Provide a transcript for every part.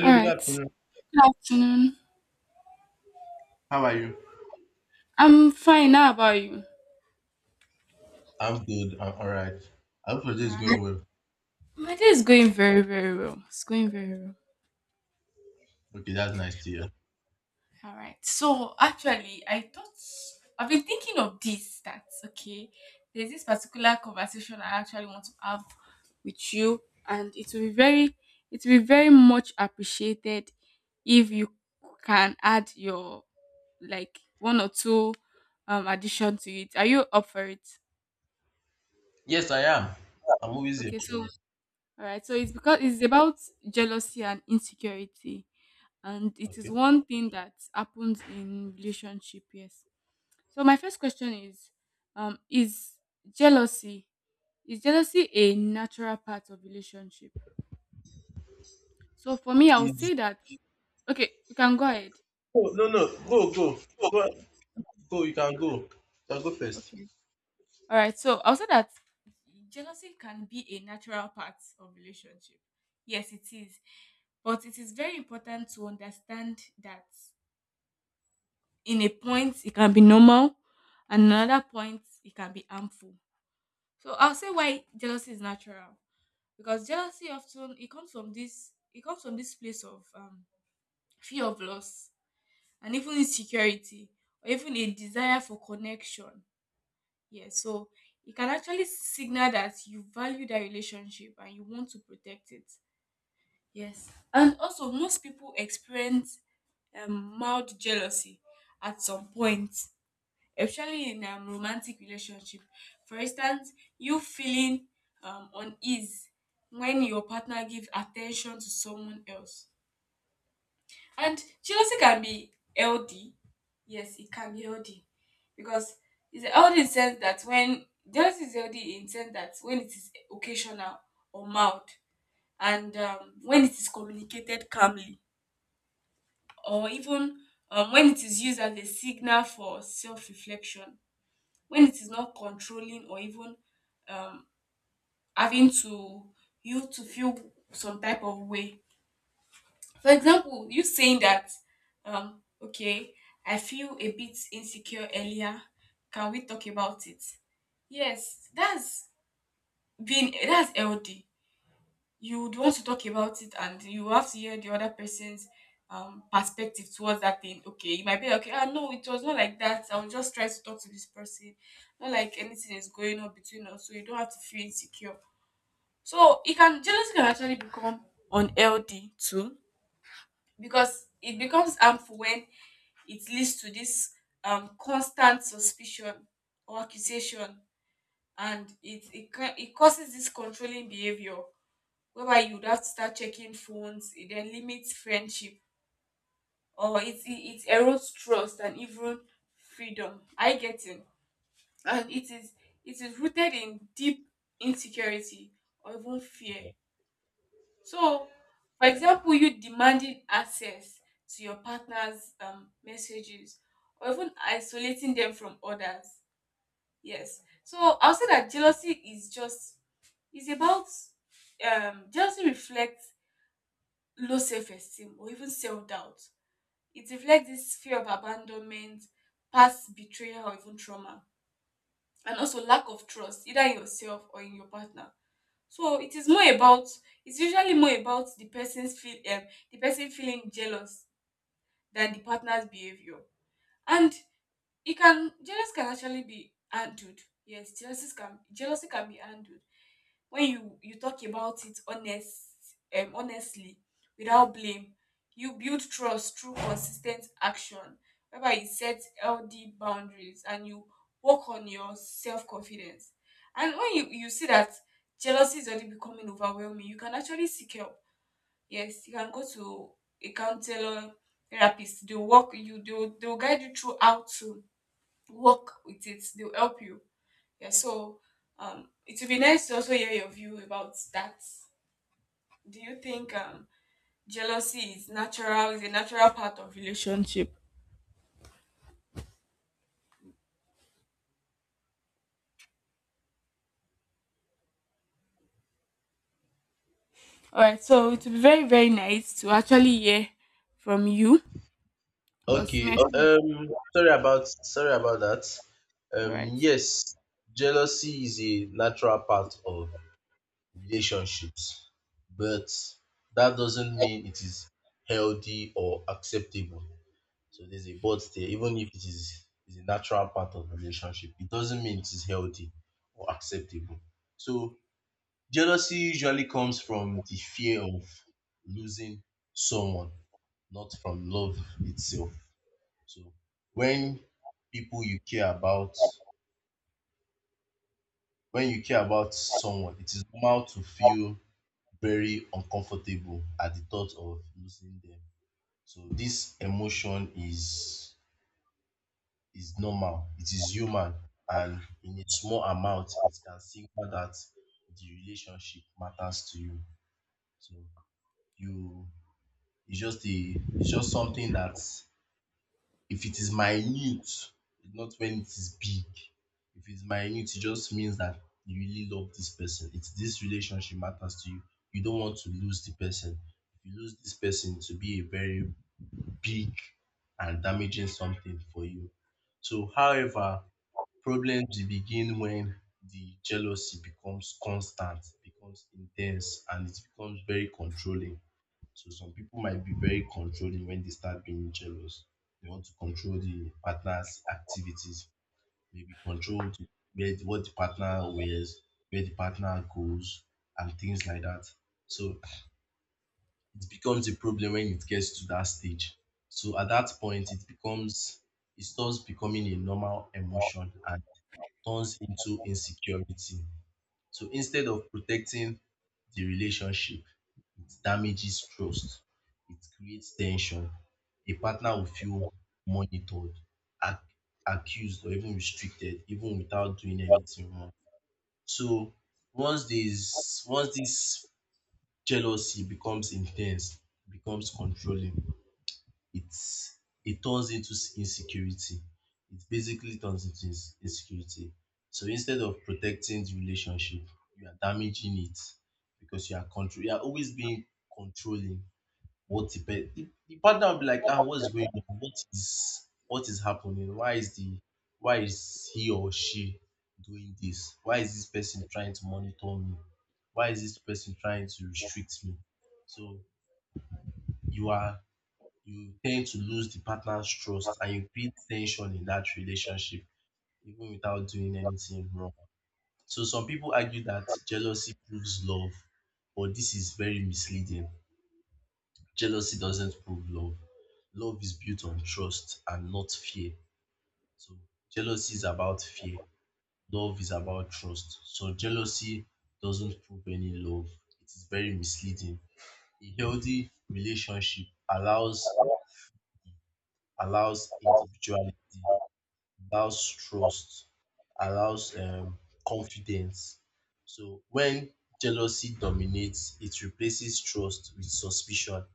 All good right. afternoon. Good afternoon. How are you? I'm fine. How about you? I'm good. I'm all right. I hope your day is Yeah, no- going well. My day is going very, very well. It's going very well. Okay, that's nice to hear. All right. So actually, I've been thinking of this. That okay. There's this particular conversation I actually want to have with you, and it will be very much appreciated if you can add your like one or two addition to it. Are you up for it? Yes, I am. I'm always here Okay. for So you. all right. It's about jealousy and insecurity, and it is Okay. one thing that happens in relationship. Yes. So my first question is, um, is jealousy is jealousy a natural part of relationship? So for me, I would Is- say that. Okay, you can go ahead. Oh, no, no. Go, go, go, go. You can go. You can go first. Okay. All right. So I'll say that jealousy can be a natural part of relationship. Yes, it is. But it is very important to understand that in a point it can be normal and another point it can be harmful. So I'll say why jealousy is natural because jealousy often it comes from this place of fear of loss and even insecurity or even a desire for connection. Yeah, so it can actually signal that you value that relationship and you want to protect it. Yes, and also most people experience mild jealousy at some point, especially in a romantic relationship. For instance, you feeling unease when your partner gives attention to someone else. And jealousy can be healthy. Yes, it can be healthy because it's healthy in sense that when jealousy is healthy in sense that when it is occasional or mild and, when it is communicated calmly or even, when it is used as a signal for self-reflection, when it is not controlling or even, um, having to you to feel some type of way. For example, you saying that, okay, I feel a bit insecure earlier. Can we talk about it? Yes, that's being that's LD. You would want to talk about it and you have to hear the other person's perspective towards that thing. Okay, you might be like, okay, ah, no, it was not like that. I was just trying to talk to this person. Not like anything is going on between us, so you don't have to feel insecure. So it can jealousy can actually become unhealthy too because it becomes harmful when it leads to this, constant suspicion or accusation, and it causes this controlling behavior whereby you'd have to start checking phones. It then limits friendship, or it erodes trust and even freedom. I get it. And it is rooted in deep insecurity or even fear. So, for example, you demanding access to your partner's messages or even isolating them from others. Yes. So I'll say that jealousy is just is about jealousy reflects low self-esteem or even self-doubt. It reflects this fear of abandonment, past betrayal or even trauma, and also lack of trust either in yourself or in your partner. So it's usually more about the person's feel the person feeling jealous than the partner's behavior. And it can jealous can actually be handled. Yes, jealousy can be handled when you talk about it honestly without blame. You build trust through consistent action whereby you set healthy boundaries and you work on your self-confidence. And when you see that jealousy is already becoming overwhelming, you can actually seek help. Yes, you can go to a counselor, therapist. They'll guide you through how to work with it. They'll help you. Yeah, so, it would be nice to also hear your view about that. Do you think jealousy is a natural part of relationship? All right, so it would be very, very nice to actually hear from you because me, I Okay. okay, Sorry about that. All right, Yes. Jealousy is a natural part of relationships, but that doesn't mean it is healthy or acceptable. So there's a but there, even if it is a natural part of relationship, it doesn't mean it is healthy or acceptable. So jealousy usually comes from the fear of losing someone, not from love itself. So when people you care about, when you care about someone, it is normal to feel very uncomfortable at the thought of losing them. So this emotion is normal, it is human, and in a small amount, it can signal that the relationship matters to you. So you it's just a it's just something that if it is minute, not when it is big. If it's minute, it just means that you really love this person. It's this relationship matters to you. You don't want to lose the person. If you lose this person, to be a very big and damaging something for you. So, however, problems begin when the jealousy becomes constant, becomes intense, and it becomes very controlling. So some people might be very controlling when they start being jealous. They want to control the partner's activities, maybe control what the partner wears, where the partner goes, and things like that. So it becomes a problem when it gets to that stage. So at that point, it starts becoming a normal emotion and turns into insecurity. So instead of protecting the relationship, it damages trust, it creates tension. A partner will feel monitored, ac- accused, or even restricted, even without doing anything wrong. So once this jealousy becomes intense, becomes controlling, it's it turns into insecurity. It basically turns into insecurity. So instead of protecting the relationship, you are damaging it because You are always being controlling what the, pe- the partner will be like. Ah, what's going on? What is happening? Why is he or she doing this? Why is this person trying to monitor me? Why is this person trying to restrict me? So you are you tend to lose the partner's trust and you build tension in that relationship even without doing anything wrong. So some people argue that jealousy proves love, but this is very misleading. Jealousy doesn't prove love. Love is built on trust and not fear. So jealousy is about fear. Love is about trust. So jealousy doesn't prove any love. It is very misleading. A healthy relationship allows individuality, allows trust, allows confidence. So when jealousy dominates, it replaces trust with suspicion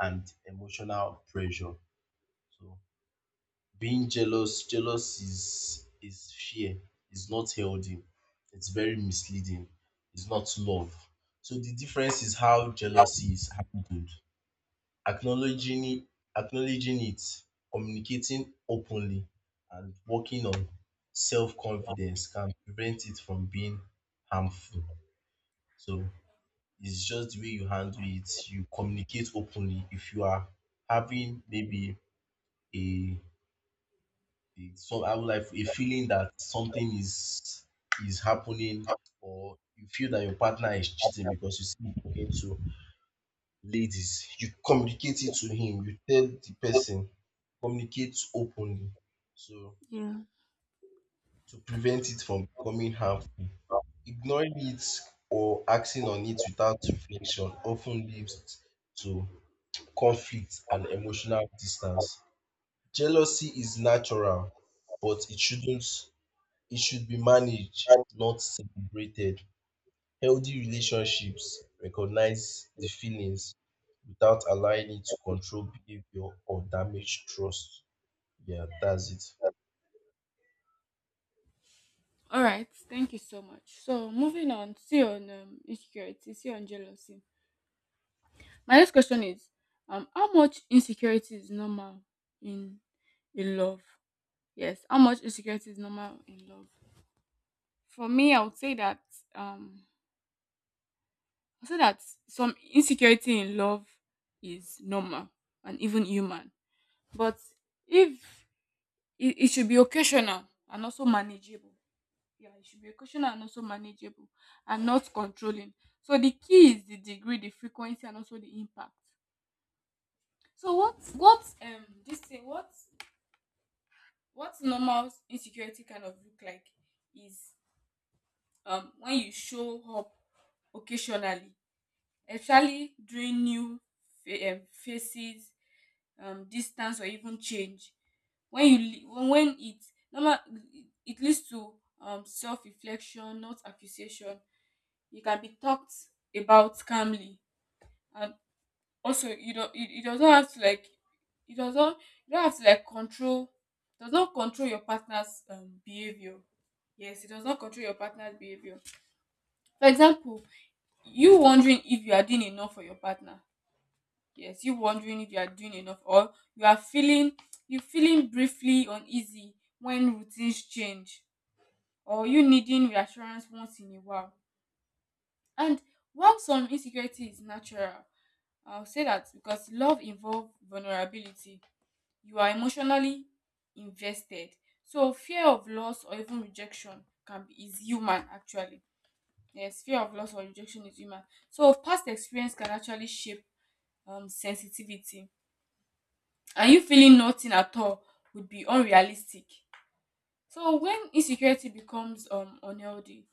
and emotional pressure. So being jealous is fear, it's not healthy, it's very misleading, it's not love. So the difference is how jealousy is handled: acknowledging it, communicating openly, and working on self confidence can prevent it from being harmful. So it's just the way you handle it. You communicate openly. If you are having maybe a, a so I would like a feeling that something is happening or you feel that your partner is cheating because you see him talking to ladies, you communicate it to him, you tell the person. Communicates openly, so yeah, to prevent it from becoming harmful. Ignoring it or acting on it without reflection often leads to conflict and emotional distance. Jealousy is natural, but it should be managed, not celebrated. Healthy relationships recognize the feelings without allowing it to control behavior or damage trust. Yeah, that's it. all right, thank you so much. So, moving on, see on insecurity, see on jealousy. My next question is, how much insecurity is normal in love? Yes, how much insecurity is normal in love? For me, I would say that, um, I would say that some insecurity in love is normal and even human, but if it, it should be occasional and also manageable. Yeah, it should be occasional and also manageable and not controlling. So the key is the degree, the frequency, and also the impact. So what this thing what normal insecurity kind of look like is, when you show up occasionally, especially during new faces, distance or even change. When you li- when it normal, it leads to, self-reflection, not accusation. You can be talked about calmly, and also you don't, it doesn't, you don't have to like control, does not control your partner's behavior. Yes, it does not control your partner's behavior. For example, you wondering if you are doing enough for your partner. Yes, you wondering if you are doing enough, or you are feeling, you feeling briefly uneasy when routines change, or you needing reassurance once in a while. And while some insecurity is natural, I'll say that because love involves vulnerability, you are emotionally invested, so fear of loss or even rejection can be is human actually. Yes, fear of loss or rejection is human. So past experience can actually shape, sensitivity, and you feeling nothing at all would be unrealistic. So when insecurity becomes, unhealthy,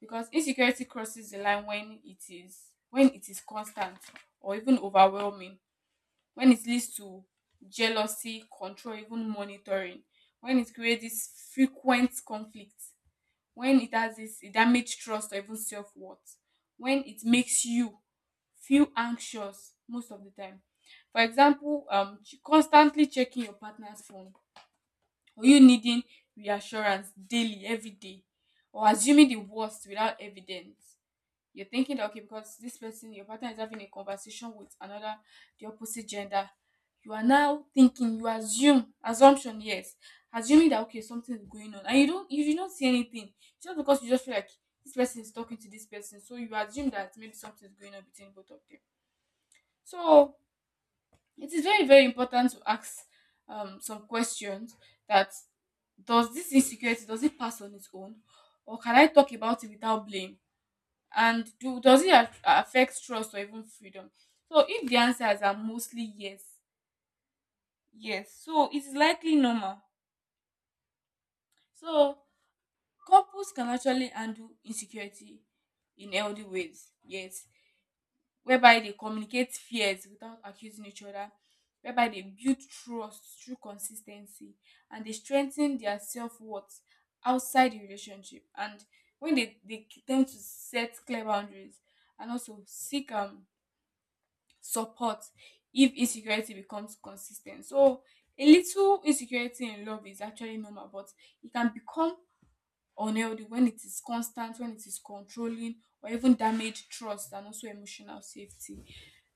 because insecurity crosses the line when it is constant or even overwhelming, when it leads to jealousy, control, even monitoring, when it creates this frequent conflict, when it has this it damage trust or even self-worth, when it makes you feel anxious most of the time. For example, constantly checking your partner's phone, or you needing reassurance daily every day, or assuming the worst without evidence. You're thinking that, okay, because this person, your partner, is having a conversation with another, the opposite gender, you are now thinking, you assume, assumption. Yes, assuming that, okay, something is going on, and you don't, you do not see anything, just because you just feel like this person is talking to this person, so you assume that maybe something is going on between both of them. So it is very, very important to ask, some questions, that does this insecurity does it pass on its own, or can I talk about it without blame, and do does it affect trust or even freedom. So if the answers are mostly yes, yes, so it is likely normal. So couples can actually handle insecurity in healthy ways. Yes, whereby they communicate fears without accusing each other, whereby they build trust through consistency, and they strengthen their self-worth outside the relationship, and when they tend to set clear boundaries and also seek, support if insecurity becomes consistent. So a little insecurity in love is actually normal, but it can become unhealthy when it is constant, when it is controlling, or even damage trust and also emotional safety.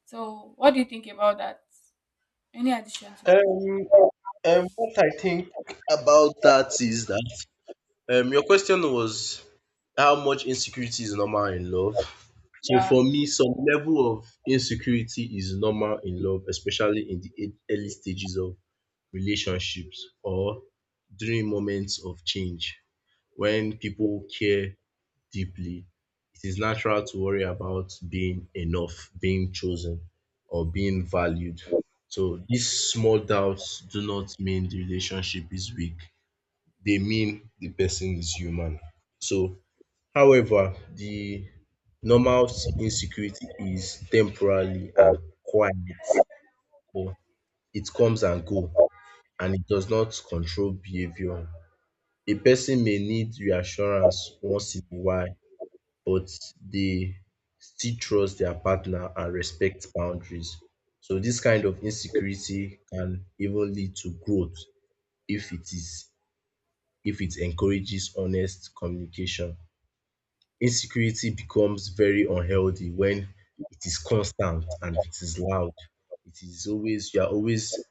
So what do you think about that? Any addition to that? um what I think about that is that your question was how much insecurity is normal in love. So Yeah. for me, some level of insecurity is normal in love, especially in the early stages of relationships or during moments of change. When people care deeply, it is natural to worry about being enough, being chosen, or being valued. So these small doubts do not mean the relationship is weak. They mean the person is human. So, however, the normal insecurity is temporarily and quiet, but it comes and go, and it does not control behavior. A person may need reassurance once in a while, but they still trust their partner and respect boundaries. So this kind of insecurity can even lead to growth if it is if it encourages honest communication. Insecurity becomes very unhealthy when it is constant and it is loud. It is always, you are always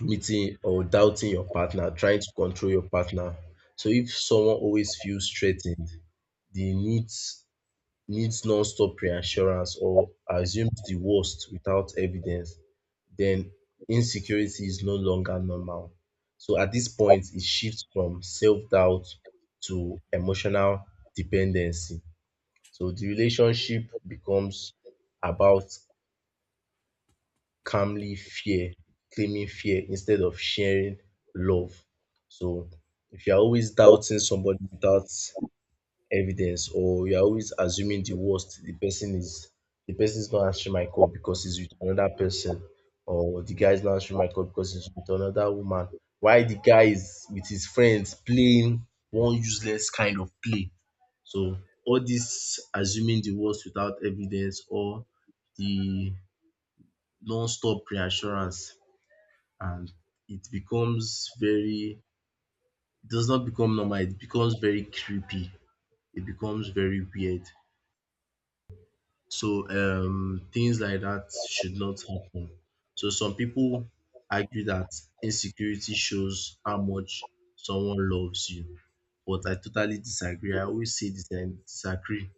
meeting or doubting your partner, trying to control your partner. So if someone always feels threatened, they need needs non-stop reassurance or assumes the worst without evidence, then insecurity is no longer normal. So at this point, it shifts from self doubt to emotional dependency. So the relationship becomes about calmly fear, claiming fear instead of sharing love. So if you're always doubting somebody without evidence or you're always assuming the worst, the person is not answering my call because he's with another person, or the guy is not answering my call because he's with another woman. Why the guy is with his friends playing one useless kind of play. So all this assuming the worst without evidence or the non-stop reassurance, and it becomes very, it does not become normal, it becomes very creepy, it becomes very weird. So things like that should not happen. So some people argue that insecurity shows how much someone loves you, but I totally disagree. I always say this and disagree.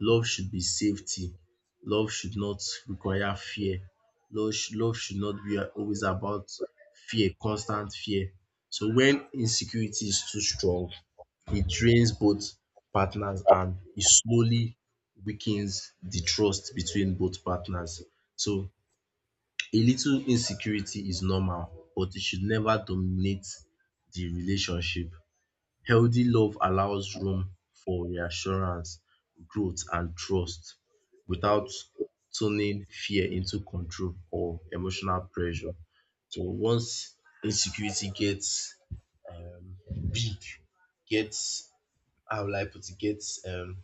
Love should be safety. Love should not require fear. Love should not be always about fear, constant fear. So when insecurity is too strong, it drains both partners and it slowly weakens the trust between both partners. So a little insecurity is normal, but it should never dominate the relationship. Healthy love allows room for reassurance, growth, and trust without turning fear into control or emotional pressure. So once insecurity gets big, gets, how will I put it, gets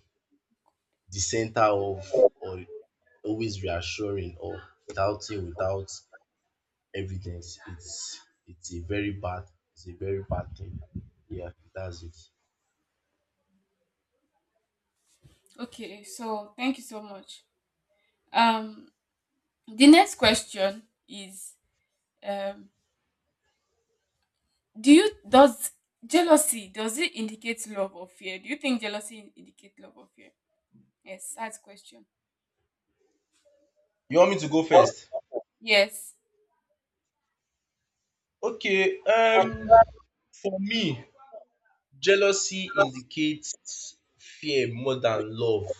the center of, or always reassuring or doubting without evidence, it's a very bad it's a very bad thing. Yeah, that's it. Okay. So thank you so much. Um, the next question is, um, do you does jealousy does it indicate love or fear? Do you think jealousy indicates love or fear? Yes, that's question. You want me to go first? Yes. Okay, for me, jealousy indicates fear more than love,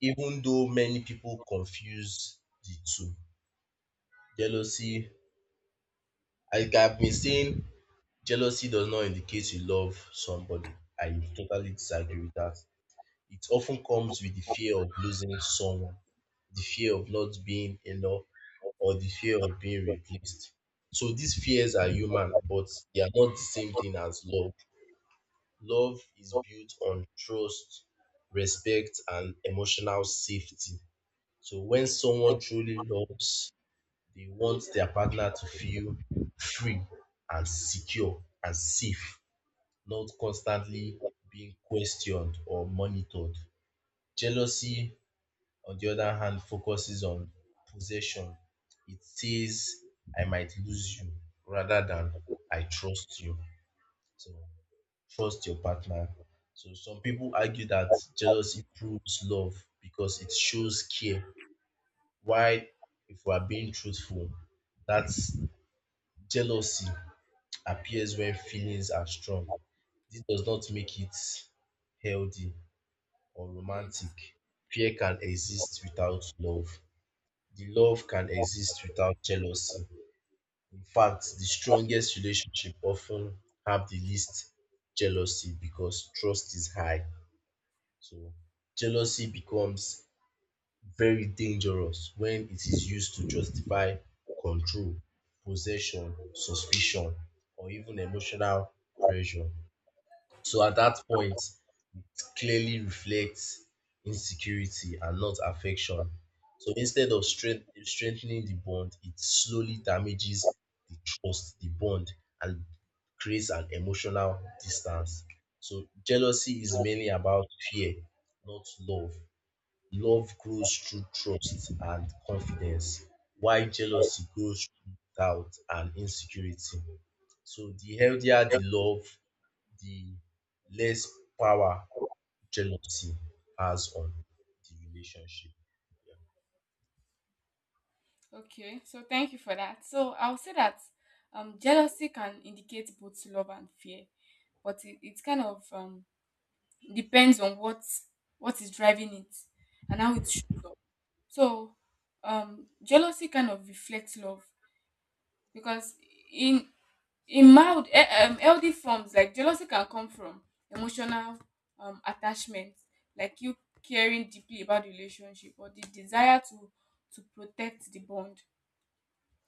even though many people confuse the two. Jealousy, like I've been saying, jealousy does not indicate you love somebody. I totally disagree with that. It often comes with the fear of losing someone, the fear of not being enough, or the fear of being replaced. So these fears are human, but they are not the same thing as love. Love is built on trust, respect, and emotional safety. So when someone truly loves, they want their partner to feel free and secure and safe, not constantly being questioned or monitored. Jealousy, on the other hand, focuses on possession. It says, I might lose you, rather than I trust you. So trust your partner. So some people argue that jealousy proves love because it shows care. While, if we are being truthful, that jealousy appears when feelings are strong. This does not make it healthy or romantic. Yes. Fear can exist without love. The love can exist without jealousy. In fact, the strongest relationship often have the least jealousy because trust is high. So jealousy becomes very dangerous when it is used to justify control, possession, suspicion, or even emotional pressure. So at that point, it clearly reflects insecurity and not affection. So instead of strengthening the bond, it slowly damages the trust, the bond, and creates an emotional distance. So jealousy is mainly about fear, not love. Love grows through trust and confidence, while jealousy grows through doubt and insecurity. So the healthier the love, the less power jealousy has on the relationship. Okay, so thank you for that. So I'll say that, jealousy can indicate both love and fear, but it kind of, depends on what is driving it and how it shows. So, jealousy kind of reflects love because in in mild, healthy forms, like jealousy can come from emotional, attachment, like you caring deeply about the relationship or the desire to protect the bond,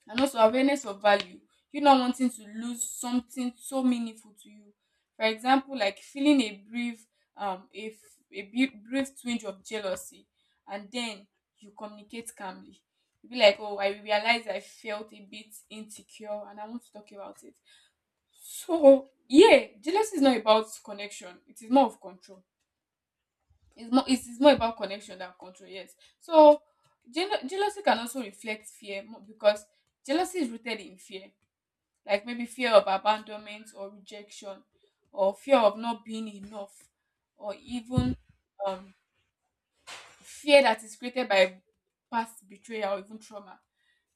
and also awareness of value. You not wanting to lose something so meaningful to you. For example, like feeling a brief, a, f- a bu- brief twinge of jealousy, and then you communicate calmly. You be like, oh, I realize I felt a bit insecure, and I want to talk about it. So yeah, jealousy is not about connection. It is more of control. It's more, it is more about connection than control. Yes. So jealousy can also reflect fear, because jealousy is rooted in fear, like maybe fear of abandonment or rejection, or fear of not being enough, or even, um fear that is created by past betrayal or even trauma,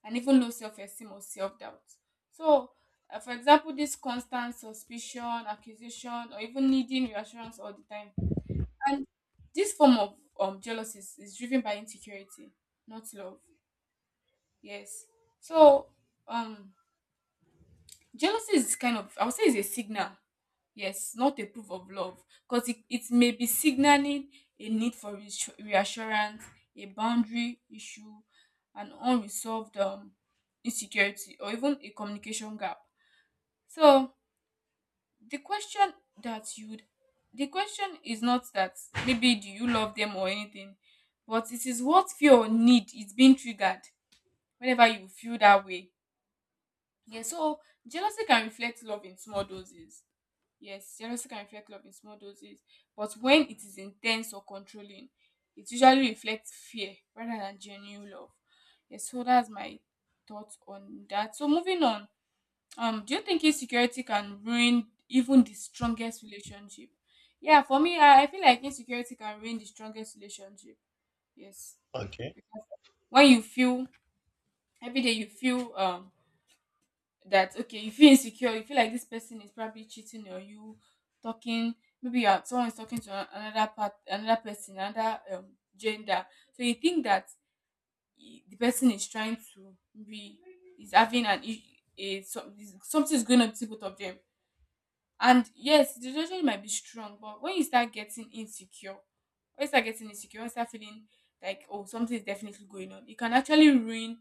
and even low self-esteem or self-doubt. So, for example, this constant suspicion, accusation, or even needing reassurance all the time. And this form of, jealousy is driven by insecurity, not love. Yes. So, um, jealousy is kind of, I would say it's a signal. Yes, not a proof of love. Because it may be signaling a need for reassurance, a boundary issue, an unresolved insecurity, or even a communication gap. So the question that you'd the question is not that maybe do you love them or anything, but it is what fear or need is being triggered whenever you feel that way. Yeah, so jealousy can reflect love in small doses. Yes, jealousy can reflect love in small doses, but when it is intense or controlling, it usually reflects fear rather than genuine love. Yes, so that's my thoughts on that. So moving on, do you think insecurity can ruin even the strongest relationship? Yeah, for me, I feel like insecurity can ruin the strongest relationship. Yes, Okay. when you feel every day you feel that okay, you feel insecure, you feel like this person is probably cheating on you, talking, maybe someone is talking to another part another person, another gender, so you think that the person is trying to be is having an is is, something is going on between both of them. And yes, the relationship might be strong, but when you start getting insecure, when you start feeling like oh, something is definitely going on, it can actually ruin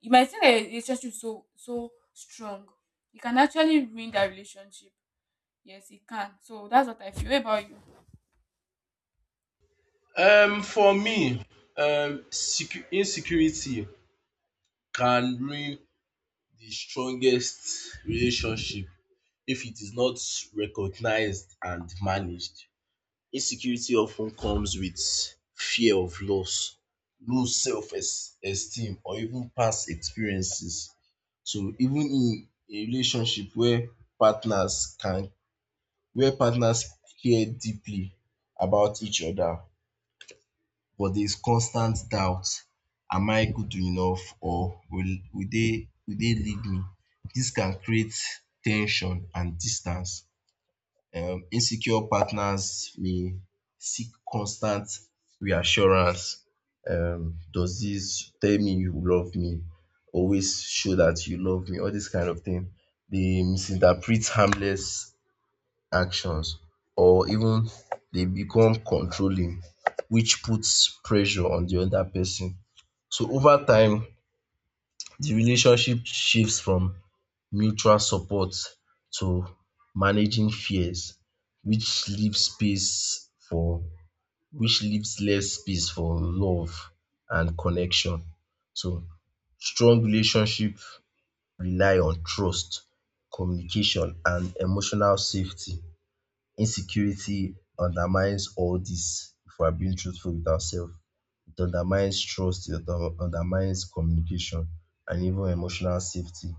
you might think that your relationship is so so strong, it can actually ruin that relationship. Yes, it can. So that's what I feel. What about you? For me, insecurity can ruin the strongest relationship if it is not recognized and managed. Insecurity often comes with fear of loss, low self esteem or even past experiences. So even in a relationship where partners can where partners care deeply about each other but there is constant doubt. Am I good enough, or will they leave me? This can create tension and distance. Insecure partners may seek constant reassurance. Does dis tell me you love me, always show dat you love me, all dis kind of thing. Dey misinterpret harmless actions, or even dey become controlling, which puts pressure on de other person. So over time de relationship shifts from mutual support to managing fears, which leaves less space for love and connection. So strong relationship rely on trust, communication and emotional safety. Insecurity undermines all this if we are being truthful with ourselves. It undermines trust, it undermines communication, and even emotional safety.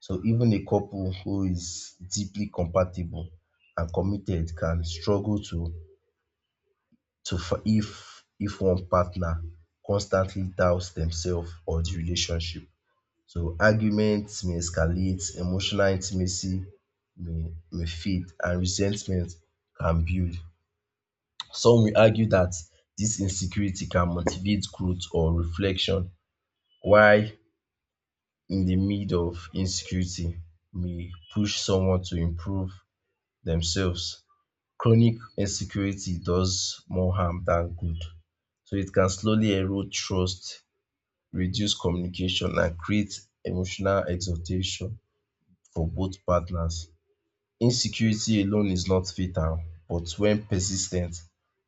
So even a couple who is deeply compatible and committed can struggle to f- if one partner constantly doubts themselves or the relationship. So arguments may escalate, emotional intimacy may fade, and resentment can build. Some will argue that this insecurity can motivate growth or reflection while in the mid of insecurity may push someone to improve themselves. Chronic insecurity does more harm than good. So it can slowly erode trust, reduce communication and create emotional exhaustion for both partners. Insecurity alone is not fatal but when persistent,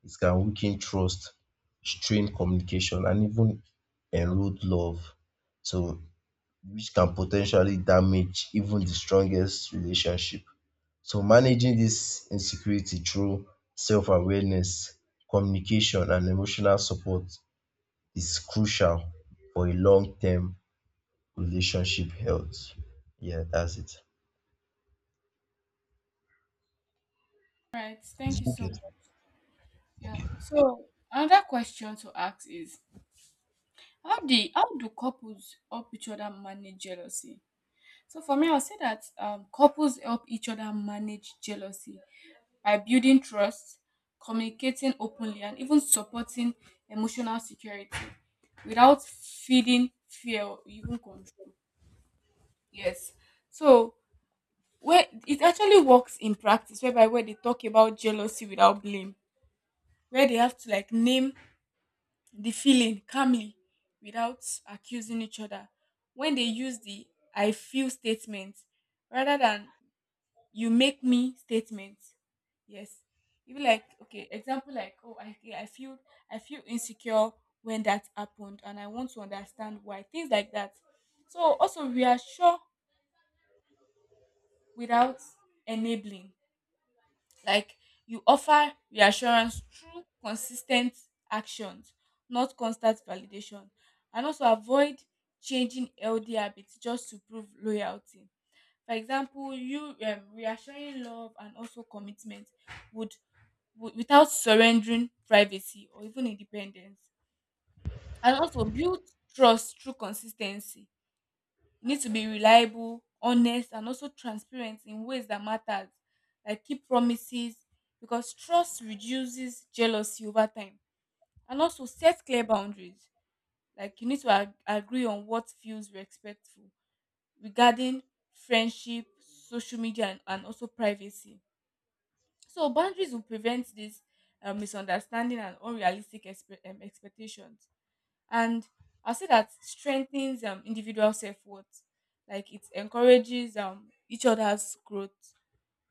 it can weaken trust, strain communication and even erode love. So which can potentially damage even the strongest relationship. So managing this insecurity through self-awareness, communication and emotional support is crucial for a long-term relationship health. Yeah, that's it. Right. Thank It's you so okay. much. Yeah, so another question to ask is how do couples help each other manage jealousy? So for me, I'll say that couples help each other manage jealousy by building trust, communicating openly, and even supporting emotional security without feeding fear or even control. Yes. So where it actually works in practice, where they talk about jealousy without blame, where they have to like name the feeling calmly without accusing each other. When they use the I feel statement rather than you make me statement. Yes. Even like okay, example like oh I feel I feel insecure when that happened and I want to understand why. Things like that. So also reassure without enabling. Like you offer reassurance through consistent actions, not constant validation. And also avoid changing healthy habits just to prove loyalty. For example, you reassuring love and also commitment would without surrendering privacy or even independence. And also build trust through consistency. You need to be reliable, honest, and also transparent in ways that matters, like keep promises, because trust reduces jealousy over time. And also set clear boundaries. Like you need to agree on what feels respectful regarding friendship, social media, and also privacy. So boundaries will prevent this misunderstanding and unrealistic expectations, and I'll say that strengthens individual self worth. Like it encourages each other's growth,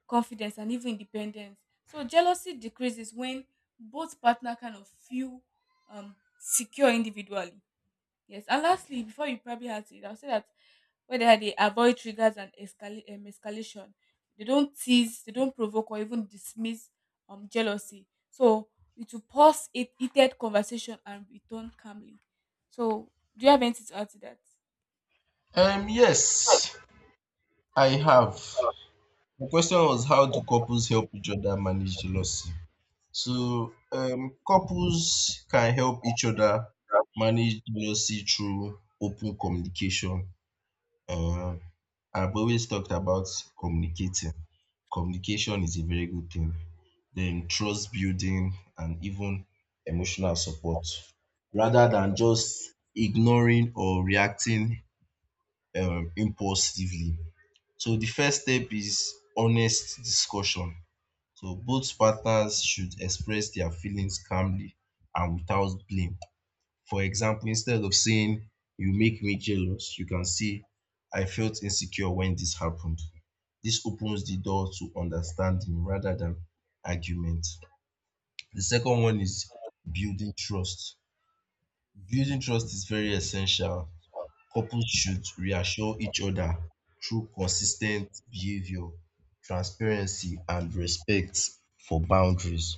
confidence, and even independence. So jealousy decreases when both partner kind of feel secure individually. Yes, and lastly, before you probably had it, I'll say that whether they avoid triggers and escalation, they don't tease, they don't provoke or even dismiss jealousy. So it will pause it heated conversation and return calmly. So do you have anything to add to that? Yes, I have. The question was, how do couples help each other manage jealousy? Yeah. So couples can help each other Yeah. manage jealousy through open communication. Uh, I've always talked about communicating. Communication is a very good thing. Then trust building and even emotional support, rather than just ignoring or reacting impulsively. So the first step is honest discussion. So both partners should express their feelings calmly and without blame. For example, instead of saying, "You make me jealous," you can say, "I felt insecure when this happened." This opens the door to understanding rather than argument. The second one is building trust. Building trust is very essential. Couples should reassure each other through consistent behavior, transparency, and respect for boundaries.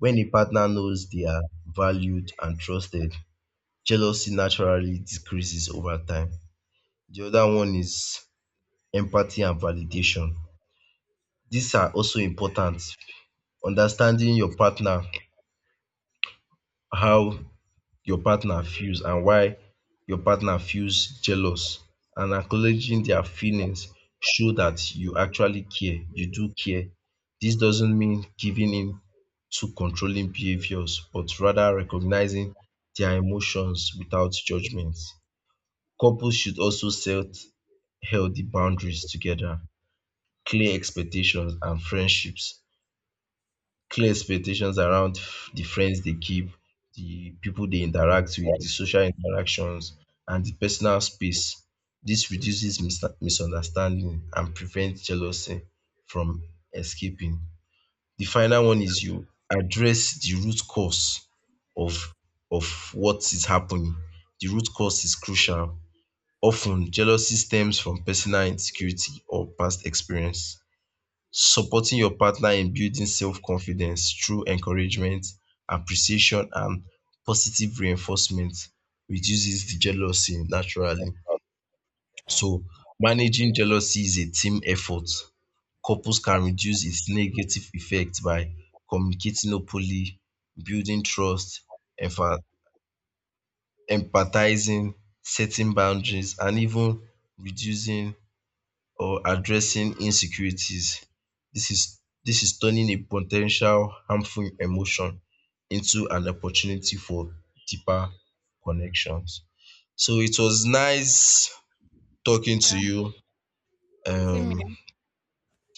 When a partner knows they are valued and trusted, jealousy naturally decreases over time. The other one is empathy and validation. These are also important. Understanding your partner, how your partner feels and why your partner feels jealous and acknowledging their feelings show that you actually care, you do care. This doesn't mean giving in to controlling behaviors but rather recognizing their emotions without judgment. Couples should also set healthy boundaries together, clear expectations and friendships, clear expectations around the friends they keep, the people they interact with, the social interactions and the personal space. This reduces misunderstanding and prevents jealousy from escaping. The final one is you address the root cause of of what is happening. The root cause is crucial. Often, jealousy stems from personal insecurity or past experience. Supporting your partner in building self-confidence through encouragement, appreciation, and positive reinforcement reduces the jealousy naturally. So, managing jealousy is a team effort. Couples can reduce its negative effects by communicating openly, building trust, empha- empathizing, setting boundaries, and even reducing or addressing insecurities. This is turning a potential harmful emotion into an opportunity for deeper connections. So it was nice talking to Yeah. you. Same Um, here.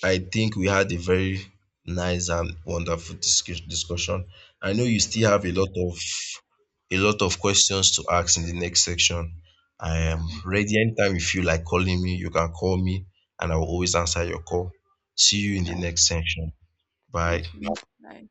I think we had a very nice and wonderful discussion. I know you Yes. still have a lot of questions to ask in the next section. I Yeah. am ready anytime you feel like calling me, you can call me and I will always answer your call. See you All in the right. next section. Bye. Thank you. Bye.